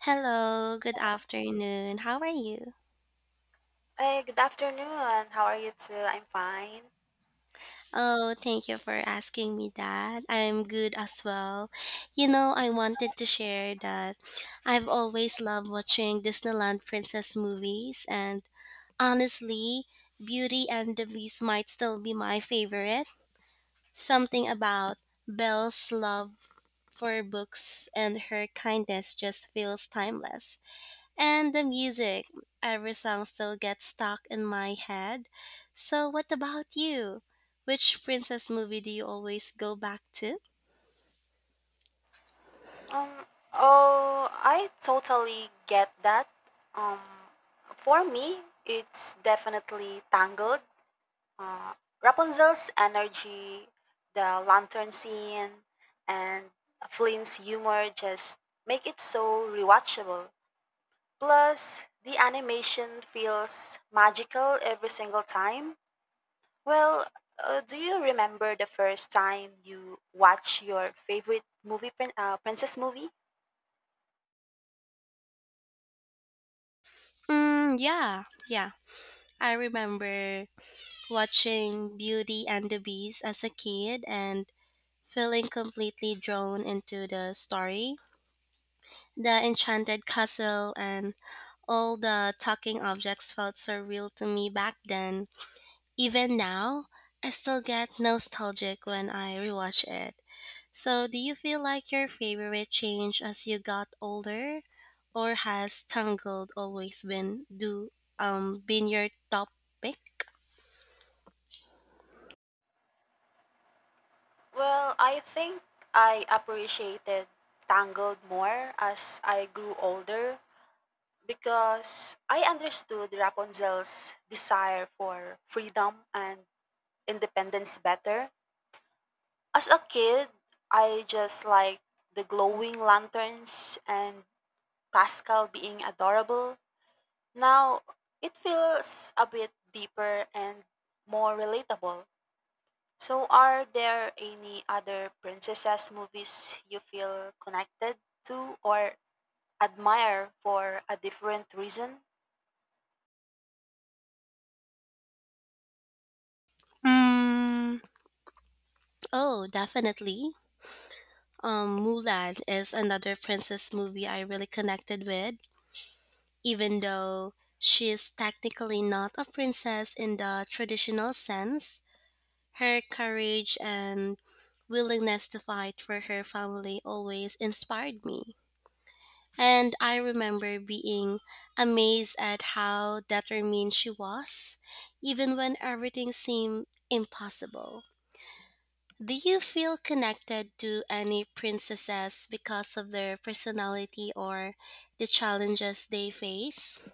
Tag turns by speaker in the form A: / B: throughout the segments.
A: Hello, good afternoon. How are you?
B: Hey, good afternoon. How are you too? I'm fine.
A: Oh, thank you for asking me that. I'm good as well. You know, I wanted to share that I've always loved watching Disneyland princess movies, and honestly, Beauty and the Beast might still be my favorite. Something about Belle's love for books and her kindness just feels timeless. And the music, every song still gets stuck in my head. So, what about you? Which princess movie do you always go back to?
B: Um, oh, I totally get that. Um, for me, it's definitely Tangled. Uh, Rapunzel's energy, the lantern scene, and Flynn's humor just make it so rewatchable. Plus, the animation feels magical every single time. Well, do you remember the first time you watched your favorite movie, princess movie?
A: Mm, yeah, yeah. I remember watching Beauty and the Beast as a kid and feeling completely drawn into the story. The enchanted castle and all the talking objects felt so real to me back then. Even now, I still get nostalgic when I rewatch it. So, do you feel like your favorite changed as you got older, or has Tangled always been do been your top pick?
B: Well, I think I appreciated Tangled more as I grew older because I understood Rapunzel's desire for freedom and independence better. As a kid, I just liked the glowing lanterns and Pascal being adorable. Now, it feels a bit deeper and more relatable. So, are there any other princesses movies you feel connected to or admire for a different reason?
A: Mm, oh, definitely. Mulan is another princess movie I really connected with, even though she is technically not a princess in the traditional sense. Her courage and willingness to fight for her family always inspired me. And I remember being amazed at how determined she was, even when everything seemed impossible. Do you feel connected to any princesses because of their personality or the challenges they face?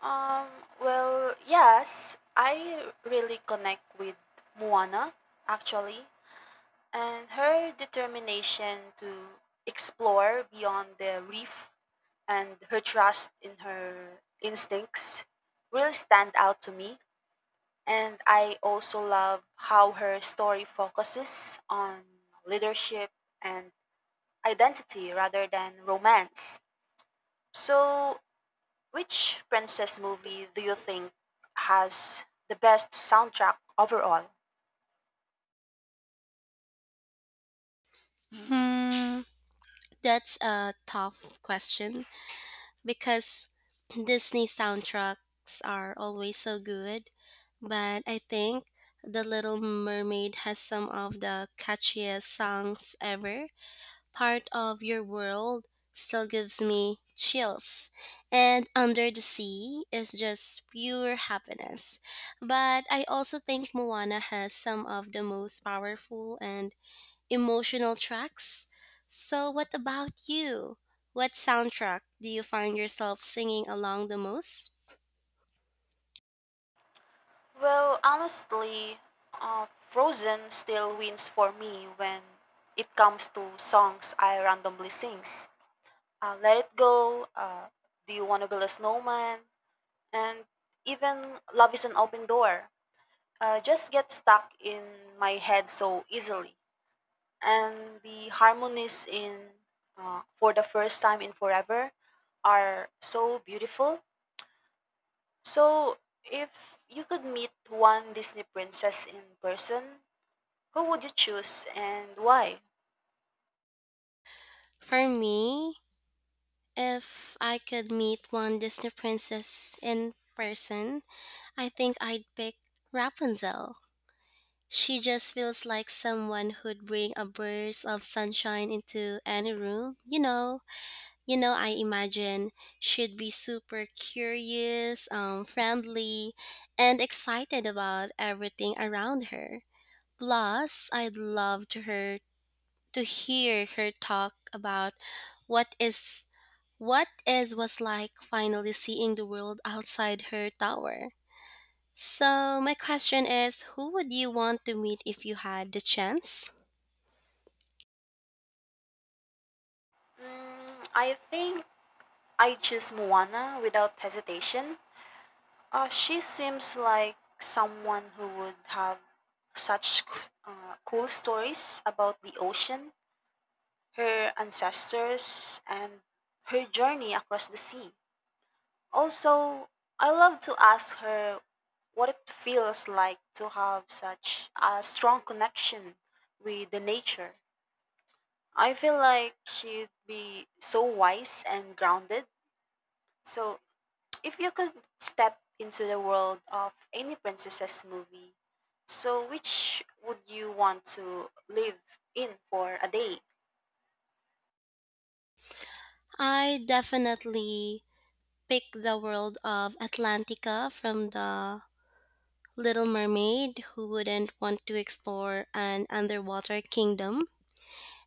B: Um, well, yes, I really connect with Moana actually, and her determination to explore beyond the reef and her trust in her instincts really stand out to me. And I also love how her story focuses on leadership and identity rather than romance. So, which princess movie do you think has the best soundtrack overall?
A: Hmm, that's a tough question, because Disney soundtracks are always so good, but I think The Little Mermaid has some of the catchiest songs ever. Part of Your World still gives me chills, and Under the Sea is just pure happiness. But I also think Moana has some of the most powerful and emotional tracks. So, what about you? What soundtrack do you find yourself singing along the most?
B: Well, honestly, Frozen still wins for me when it comes to songs I randomly sings. Let It Go, Do You Want to Build a Snowman, and even Love is an Open Door just get stuck in my head so easily. And the harmonies in For the First Time in Forever are so beautiful. So, if you could meet one Disney princess in person, who would you choose and why?
A: For me, if I could meet one Disney princess in person, I think I'd pick Rapunzel. She just feels like someone who'd bring a burst of sunshine into any room. I imagine she'd be super curious, friendly, and excited about everything around her. Plus, I'd love to her to hear her talk about what is what is was like finally seeing the world outside her tower. So, my question is, who would you want to meet if you had the chance?
B: Mm, I think I choose Moana without hesitation. She seems like someone who would have cool stories about the ocean, her ancestors, and her journey across the sea. Also, I love to ask her what it feels like to have such a strong connection with the nature. I feel like she'd be so wise and grounded. So, if you could step into the world of any princesses movie, so which would you want to live in for a day?
A: I definitely pick the world of Atlantica from the Little Mermaid. Who wouldn't want to explore an underwater kingdom?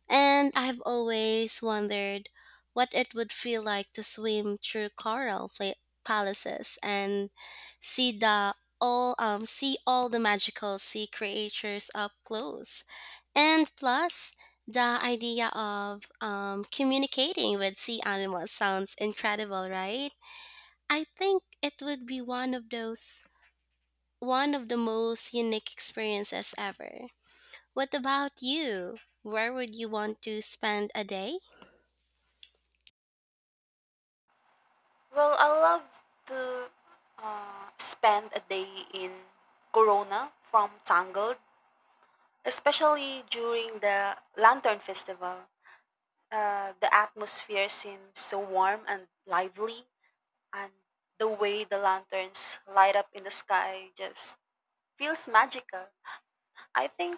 A: And I've always wondered what it would feel like to swim through palaces and see the see all the magical sea creatures up close. And plus, the idea of communicating with sea animals sounds incredible, right? I think it would be one of the most unique experiences ever. What about you? Where would you want to spend a day?
B: Well, I love to spend a day in Corona from Tangled, especially during the Lantern Festival. The atmosphere seems so warm and lively, and the way the lanterns light up in the sky just feels magical. I think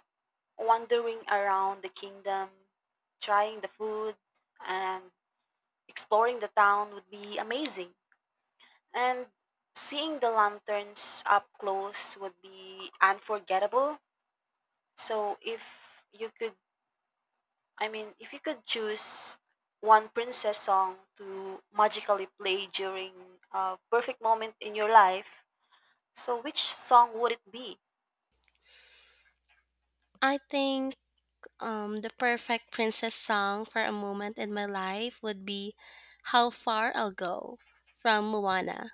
B: wandering around the kingdom, trying the food, and exploring the town would be amazing. And seeing the lanterns up close would be unforgettable. So if you could, I mean, if you could choose one princess song to magically play during a perfect moment in your life, so which song would it be?
A: I think the perfect princess song for a moment in my life would be How Far I'll Go from Moana.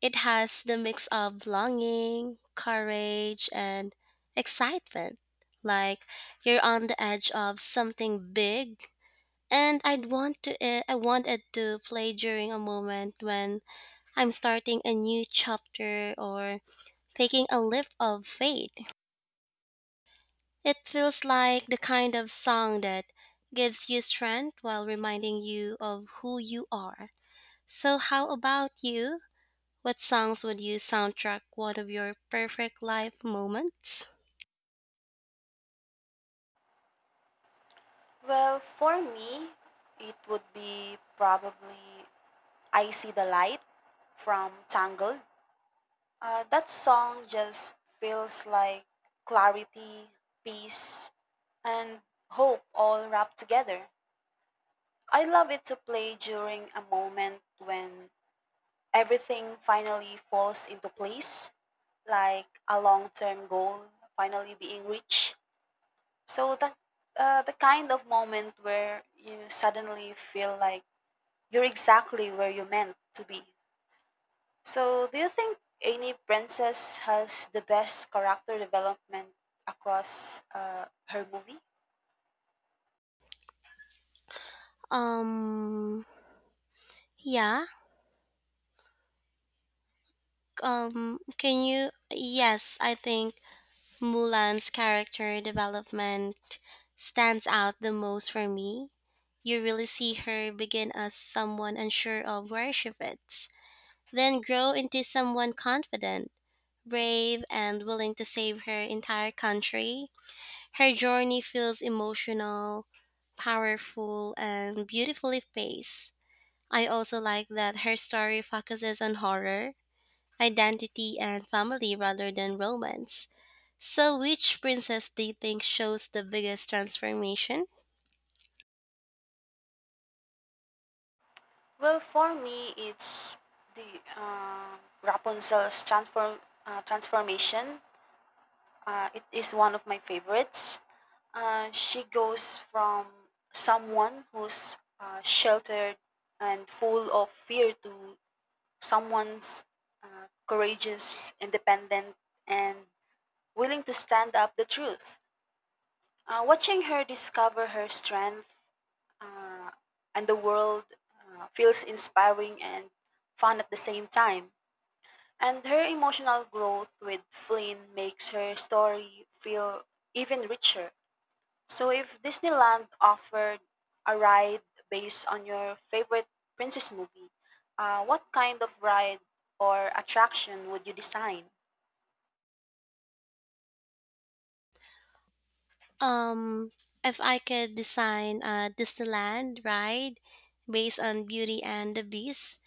A: It has the mix of longing, courage, and excitement. Like you're on the edge of something big. And I want it to play during a moment when I'm starting a new chapter or taking a leap of faith. It feels like the kind of song that gives you strength while reminding you of who you are. So, how about you? What songs would you soundtrack one of your perfect life moments?
B: Well, for me, it would be probably I See the Light from Tangled. That song just feels like clarity, peace, and hope all wrapped together. I love it to play during a moment when everything finally falls into place, like a long term goal finally being reached. So, the kind of moment where you suddenly feel like you're exactly where you meant to be. So, do you think any princess has the best character development across her movie?
A: Um, yeah. Can you? Yes, I think Mulan's character development stands out the most for me. You really see her begin as someone unsure of where she fits, then grow into someone confident, brave, and willing to save her entire country. Her journey feels emotional, powerful, and beautifully paced. I also like that her story focuses on horror, identity, and family rather than romance. So, which princess do you think shows the biggest transformation?
B: Well, for me, it's the Rapunzel's transformation. It is one of my favorites. She goes from someone who's sheltered and full of fear to someone's courageous, independent, and willing to stand up the truth. Watching her discover her strength uh, and the world feels inspiring and fun at the same time. And her emotional growth with Flynn makes her story feel even richer. So, if Disneyland offered a ride based on your favorite princess movie, what kind of ride or attraction would you design?
A: Um, if I could design a Disneyland ride based on Beauty and the Beast,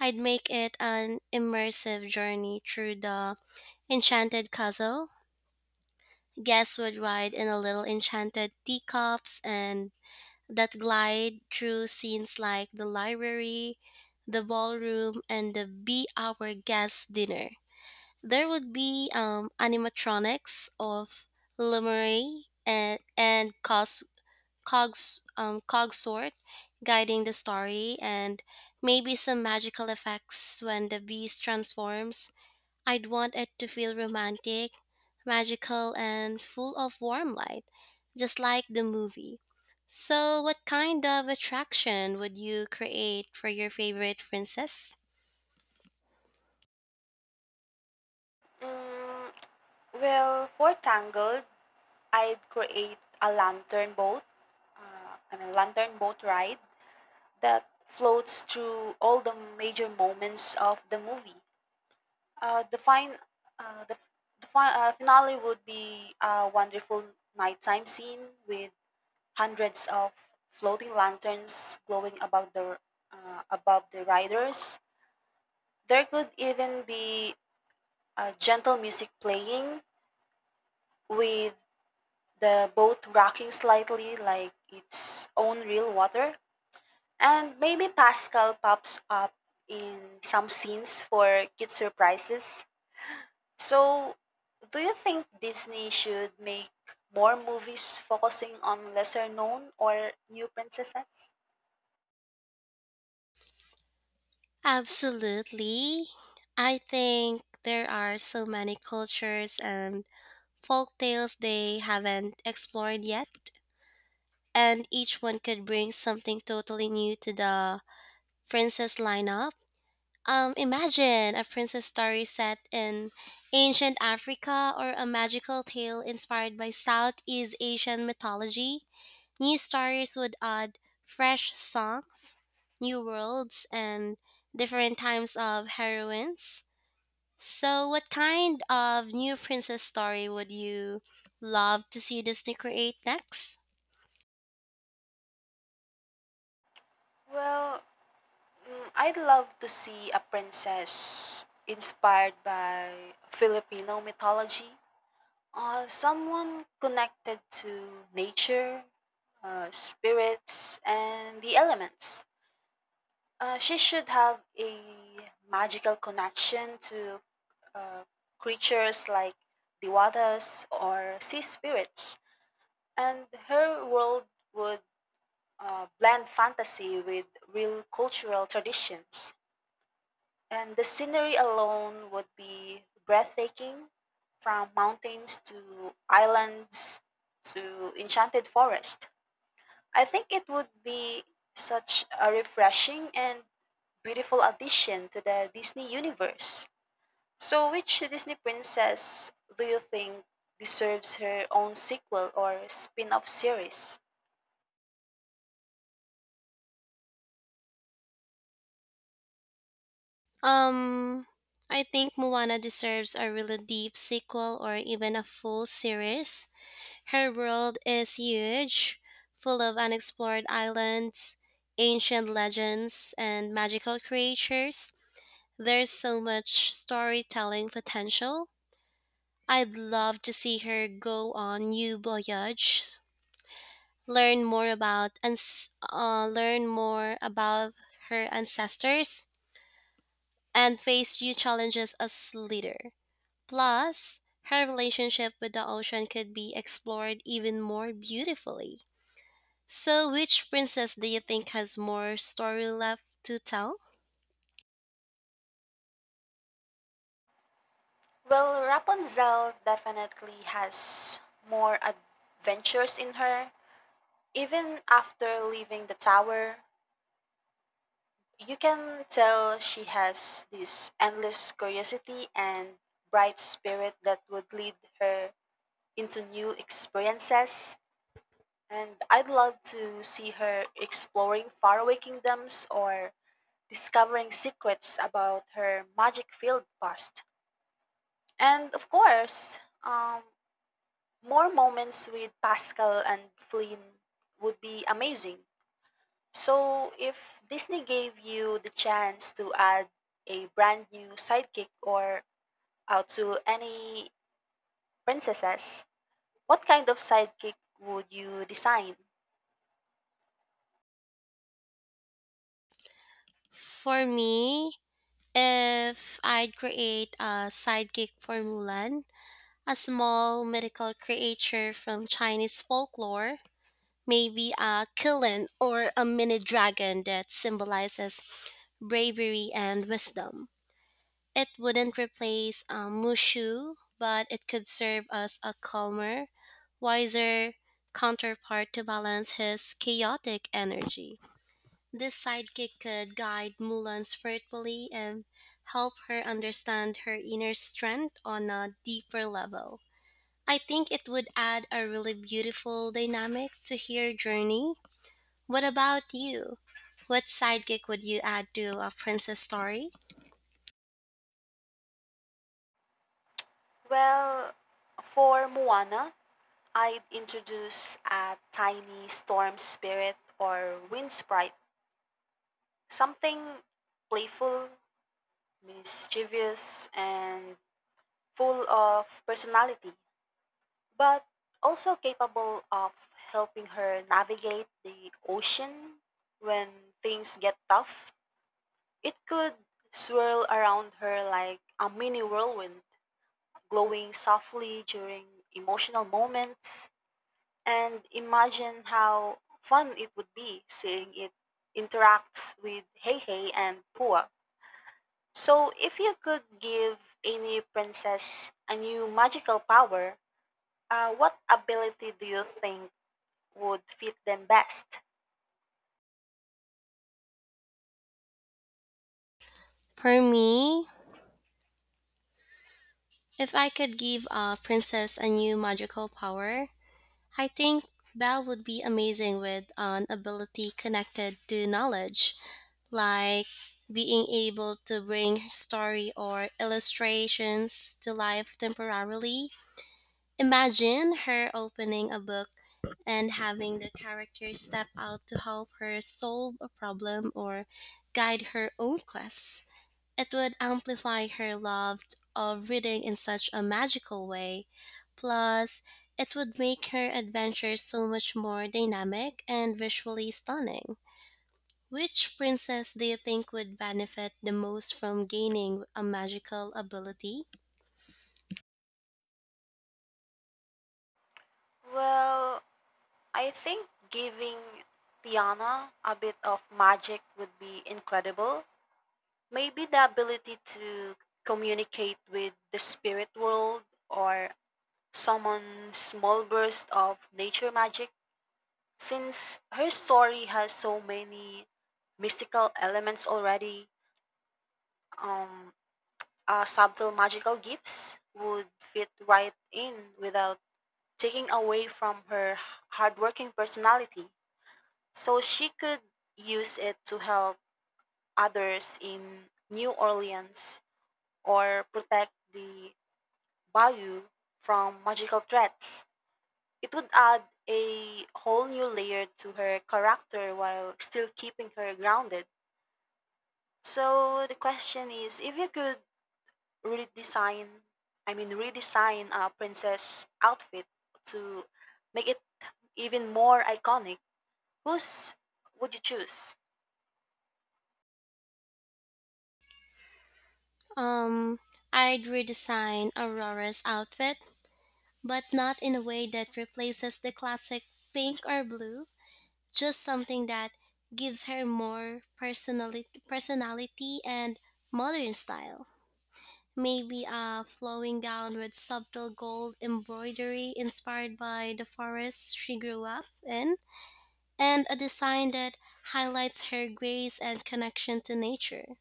A: I'd make it an immersive journey through the enchanted castle. Guests would ride in a little enchanted teacups and that glide through scenes like the library, the ballroom, and the be our guest dinner. There would be animatronics of Lemurie and cog sword guiding the story and maybe some magical effects when the beast transforms. I'd want it to feel romantic, magical and full of warm light, just like the movie. So what kind of attraction would you create for your favorite princess?
B: Mm, well, for Tangled, I'd create a lantern boat, I mean, lantern boat ride that floats through all the major moments of the movie. Uh, the fine, uh, the, the finale would be a wonderful nighttime scene with hundreds of floating lanterns glowing above the riders. There could even be gentle music playing with the boat rocking slightly like its own real water. And maybe Pascal pops up in some scenes for cute surprises. So, do you think Disney should make more movies focusing on lesser known or new princesses?
A: Absolutely. I think there are so many cultures and folk tales they haven't explored yet, and each one could bring something totally new to the princess lineup. Imagine a princess story set in ancient Africa or a magical tale inspired by Southeast Asian mythology. New stories would add fresh songs, new worlds, and different times of heroines. So, what kind of new princess story would you love to see Disney create next?
B: Well, mm, I'd love to see a princess inspired by Filipino mythology, someone connected to nature, spirits, and the elements. She should have a magical connection to uh, creatures like the waters or sea spirits, and her world would blend fantasy with real cultural traditions. And the scenery alone would be breathtaking from mountains to islands to enchanted forest. I think it would be such a refreshing and beautiful addition to the Disney universe. So, which Disney princess do you think deserves her own sequel or spin off series?
A: Um, I think Moana deserves a really deep sequel or even a full series. Her world is huge, full of unexplored islands, ancient legends, and magical creatures. There's so much storytelling potential. I'd love to see her go on new voyages, learn more about and learn more about her ancestors, and face new challenges as leader. Plus, her relationship with the ocean could be explored even more beautifully. So, which princess do you think has more story left to tell?
B: Well, Rapunzel definitely has more adventures in her. Even after leaving the tower, you can tell she has this endless curiosity and bright spirit that would lead her into new experiences. And I'd love to see her exploring faraway kingdoms or discovering secrets about her magic filled past. And of course, more moments with Pascal and Flynn would be amazing. So, if Disney gave you the chance to add a brand new sidekick or out to any princesses, what kind of sidekick would you design?
A: For me, if I'd create a sidekick for Mulan, a small mythical creature from Chinese folklore, maybe a kilin or a mini dragon that symbolizes bravery and wisdom. It wouldn't replace Mushu, but it could serve as a calmer, wiser counterpart to balance his chaotic energy. This sidekick could guide Mulan spiritually and help her understand her inner strength on a deeper level. I think it would add a really beautiful dynamic to her journey. What about you? What sidekick would you add to a princess story?
B: Well, for Moana, I'd introduce a tiny storm spirit or wind sprite, something playful, mischievous, and full of personality, but also capable of helping her navigate the ocean when things get tough. It could swirl around her like a mini whirlwind, glowing softly during emotional moments. And imagine how fun it would be seeing it interact with Hey Hey and Pua. So, if you could give any princess a new magical power, what ability do you think would fit them best?
A: For me, if I could give a princess a new magical power, I think Belle would be amazing with an ability connected to knowledge, like being able to bring story or illustrations to life temporarily. Imagine her opening a book and having the characters step out to help her solve a problem or guide her own quest. It would amplify her love of reading in such a magical way. Plus, it would make her adventures so much more dynamic and visually stunning. Which princess do you think would benefit the most from gaining a magical ability?
B: Well, I think giving Tiana a bit of magic would be incredible. Maybe the ability to communicate with the spirit world or someone small burst of nature magic since her story has so many mystical elements already. um Subtle magical gifts would fit right in without taking away from her hardworking personality, so she could use it to help others in New Orleans or protect the bayou from magical threats. It would add a whole new layer to her character while still keeping her grounded. So the question is, if you could redesign, I mean, redesign a princess outfit to make it even more iconic, whose would you choose?
A: Um, I'd redesign Aurora's outfit, but not in a way that replaces the classic pink or blue, just something that gives her more personality and modern style. Maybe a flowing gown with subtle gold embroidery inspired by the forest she grew up in, and a design that highlights her grace and connection to nature.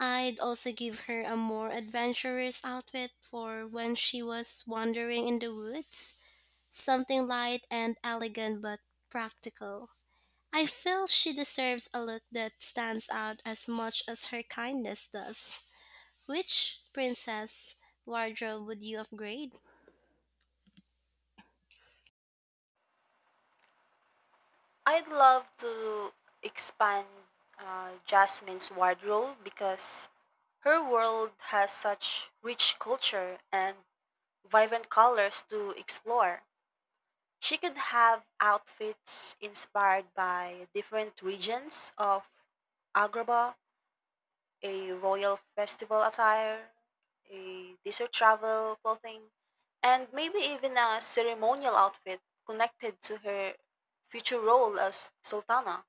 A: I'd also give her a more adventurous outfit for when she was wandering in the woods, something light and elegant but practical. I feel she deserves a look that stands out as much as her kindness does. Which princess wardrobe would you upgrade?
B: I'd love to expand Jasmine's wardrobe because her world has such rich culture and vibrant colors to explore. She could have outfits inspired by different regions of Agrabah, a royal festival attire, a desert travel clothing, and maybe even a ceremonial outfit connected to her future role as Sultana.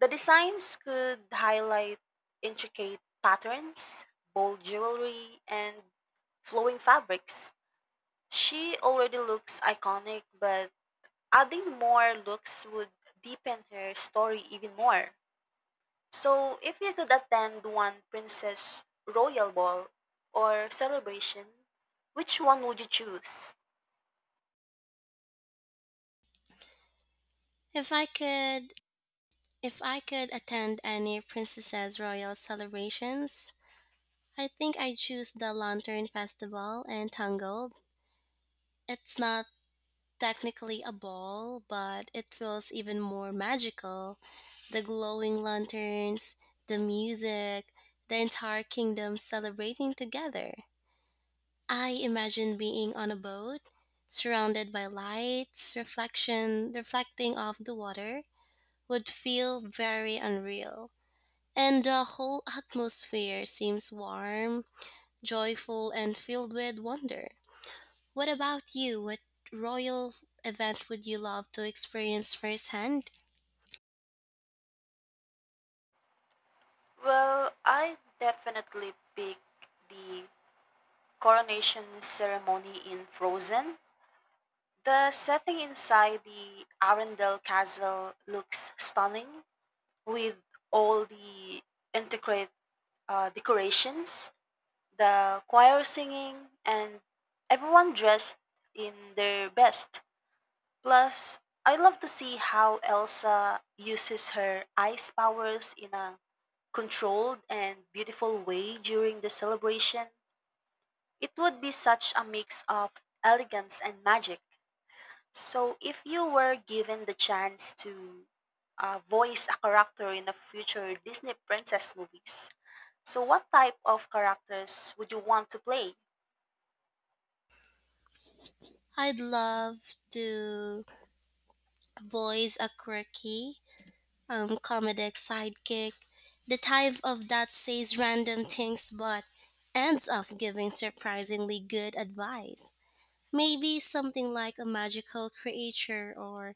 B: The designs could highlight intricate patterns, bold jewelry, and flowing fabrics. She already looks iconic, but adding more looks would deepen her story even more. So, if you could attend one princess royal ball or celebration, which one would you choose?
A: If I could if I could attend any princess's royal celebrations, I think I'd choose the Lantern Festival and Tangled. It's not technically a ball, but it feels even more magical. The glowing lanterns, the music, the entire kingdom celebrating together. I imagine being on a boat, surrounded by lights, reflecting off the water would feel very unreal. And the whole atmosphere seems warm, joyful, and filled with wonder. What about you? What royal event would you love to experience firsthand?
B: Well, I definitely pick the coronation ceremony in Frozen. The setting inside the Arendelle Castle looks stunning with all the intricate decorations, the choir singing, and everyone dressed in their best. Plus, I love to see how Elsa uses her ice powers in a controlled and beautiful way during the celebration. It would be such a mix of elegance and magic. So, if you were given the chance to voice a character in a future Disney princess movies, so what type of characters would you want to play?
A: I'd love to voice a quirky comedic sidekick, the type of that says random things but ends up giving surprisingly good advice. Maybe something like a magical creature or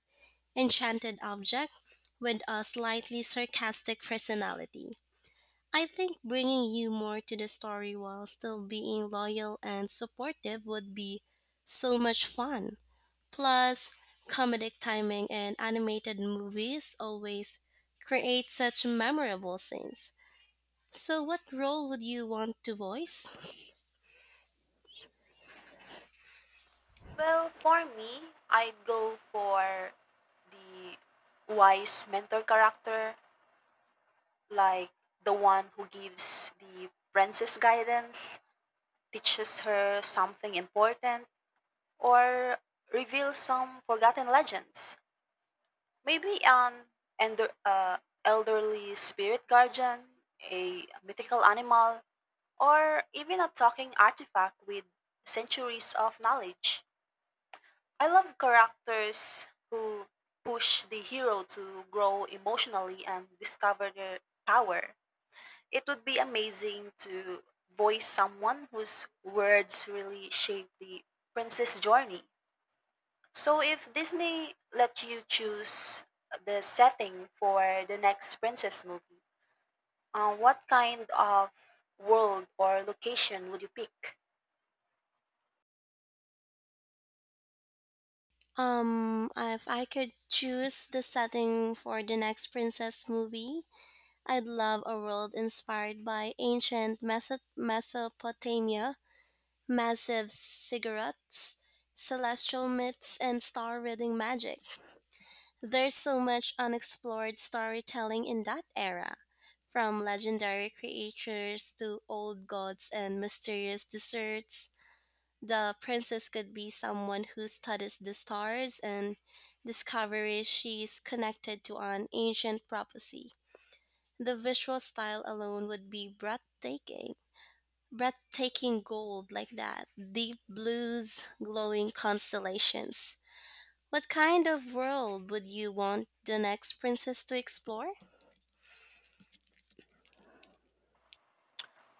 A: enchanted object with a slightly sarcastic personality. I think bringing you more to the story while still being loyal and supportive would be so much fun. Plus, comedic timing and animated movies always create such memorable scenes. So, what role would you want to voice?
B: Well, for me, I'd go for the wise mentor character, like the one who gives the princess guidance, teaches her something important, or reveals some forgotten legends. Maybe an ender, uh, elderly spirit guardian, a mythical animal, or even a talking artifact with centuries of knowledge. I love characters who push the hero to grow emotionally and discover their power. It would be amazing to voice someone whose words really shape the princess journey. So if Disney let you choose the setting for the next princess movie, what kind of world or location would you pick?
A: If I could choose the setting for the next princess movie, I'd love a world inspired by Mesopotamia, massive cigarettes, celestial myths, and star reading magic. There's so much unexplored storytelling in that era, from legendary creatures to old gods and mysterious desserts. The princess could be someone who studies the stars and discovers she's connected to an ancient prophecy. The visual style alone would be Breathtaking gold like that, deep blues, glowing constellations. What kind of world would you want the next princess to explore?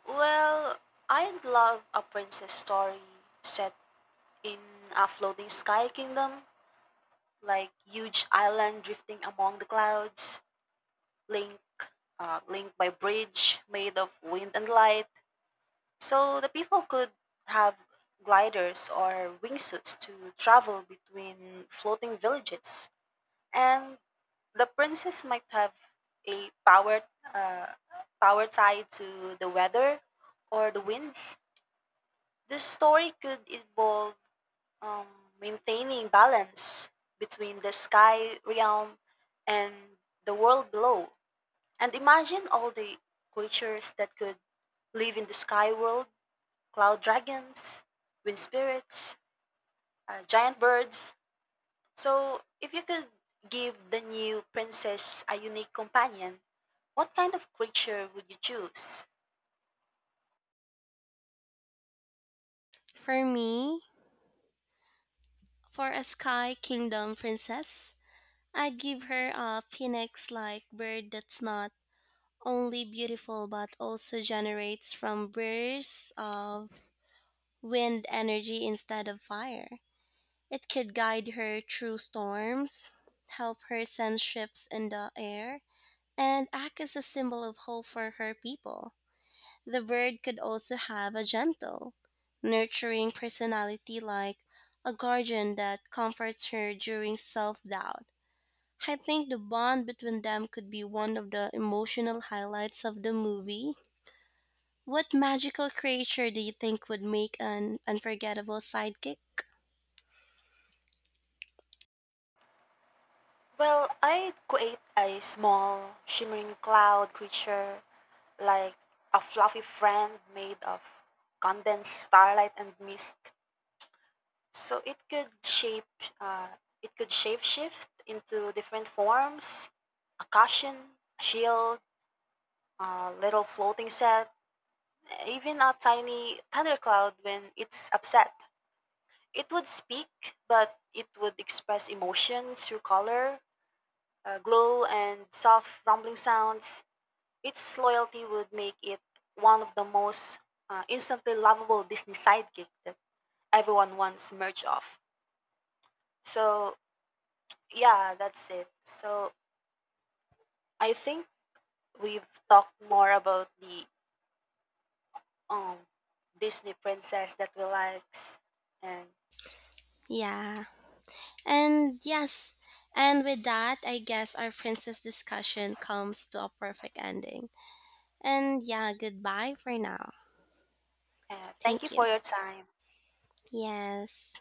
B: Well, I'd love a princess story set in a floating sky kingdom, like huge island drifting among the clouds, linked, linked by bridge made of wind and light. So the people could have gliders or wingsuits to travel between floating villages, and the princess might have a uh, power tied to the weather or the winds. The story could involve um, maintaining balance between the sky realm and the world below. And imagine all the creatures that could live in the sky world: cloud dragons, wind spirits, giant birds. So, if you could give the new princess a unique companion, what kind of creature would you choose?
A: For me, for a sky kingdom princess, I'd give her a phoenix like bird that's not only beautiful but also generates from bursts of wind energy instead of fire. It could guide her through storms, help her sense shifts in the air, and act as a symbol of hope for her people. The bird could also have a gentle, nurturing personality like a guardian that comforts her during self doubt. I think the bond between them could be one of the emotional highlights of the movie. What magical creature do you think would make an unforgettable sidekick?
B: Well, I'd create a small, shimmering cloud creature like a fluffy friend made of condensed starlight and mist. So it could shape shift into different forms: a cushion, a shield, a little floating set, even a tiny thundercloud when it's upset. It would speak, but it would express emotion through color, glow, and soft rumbling sounds. Its loyalty would make it one of the most instantly lovable Disney sidekick that everyone wants merch of. So yeah, that's it. So I think we've talked more about the um Disney princess that we likes, and
A: Yeah. And yes, and with that, I guess our princess discussion comes to a perfect ending. And yeah, goodbye for now.
B: thank you
A: Thank
B: for
A: you.
B: your time.
A: Yes.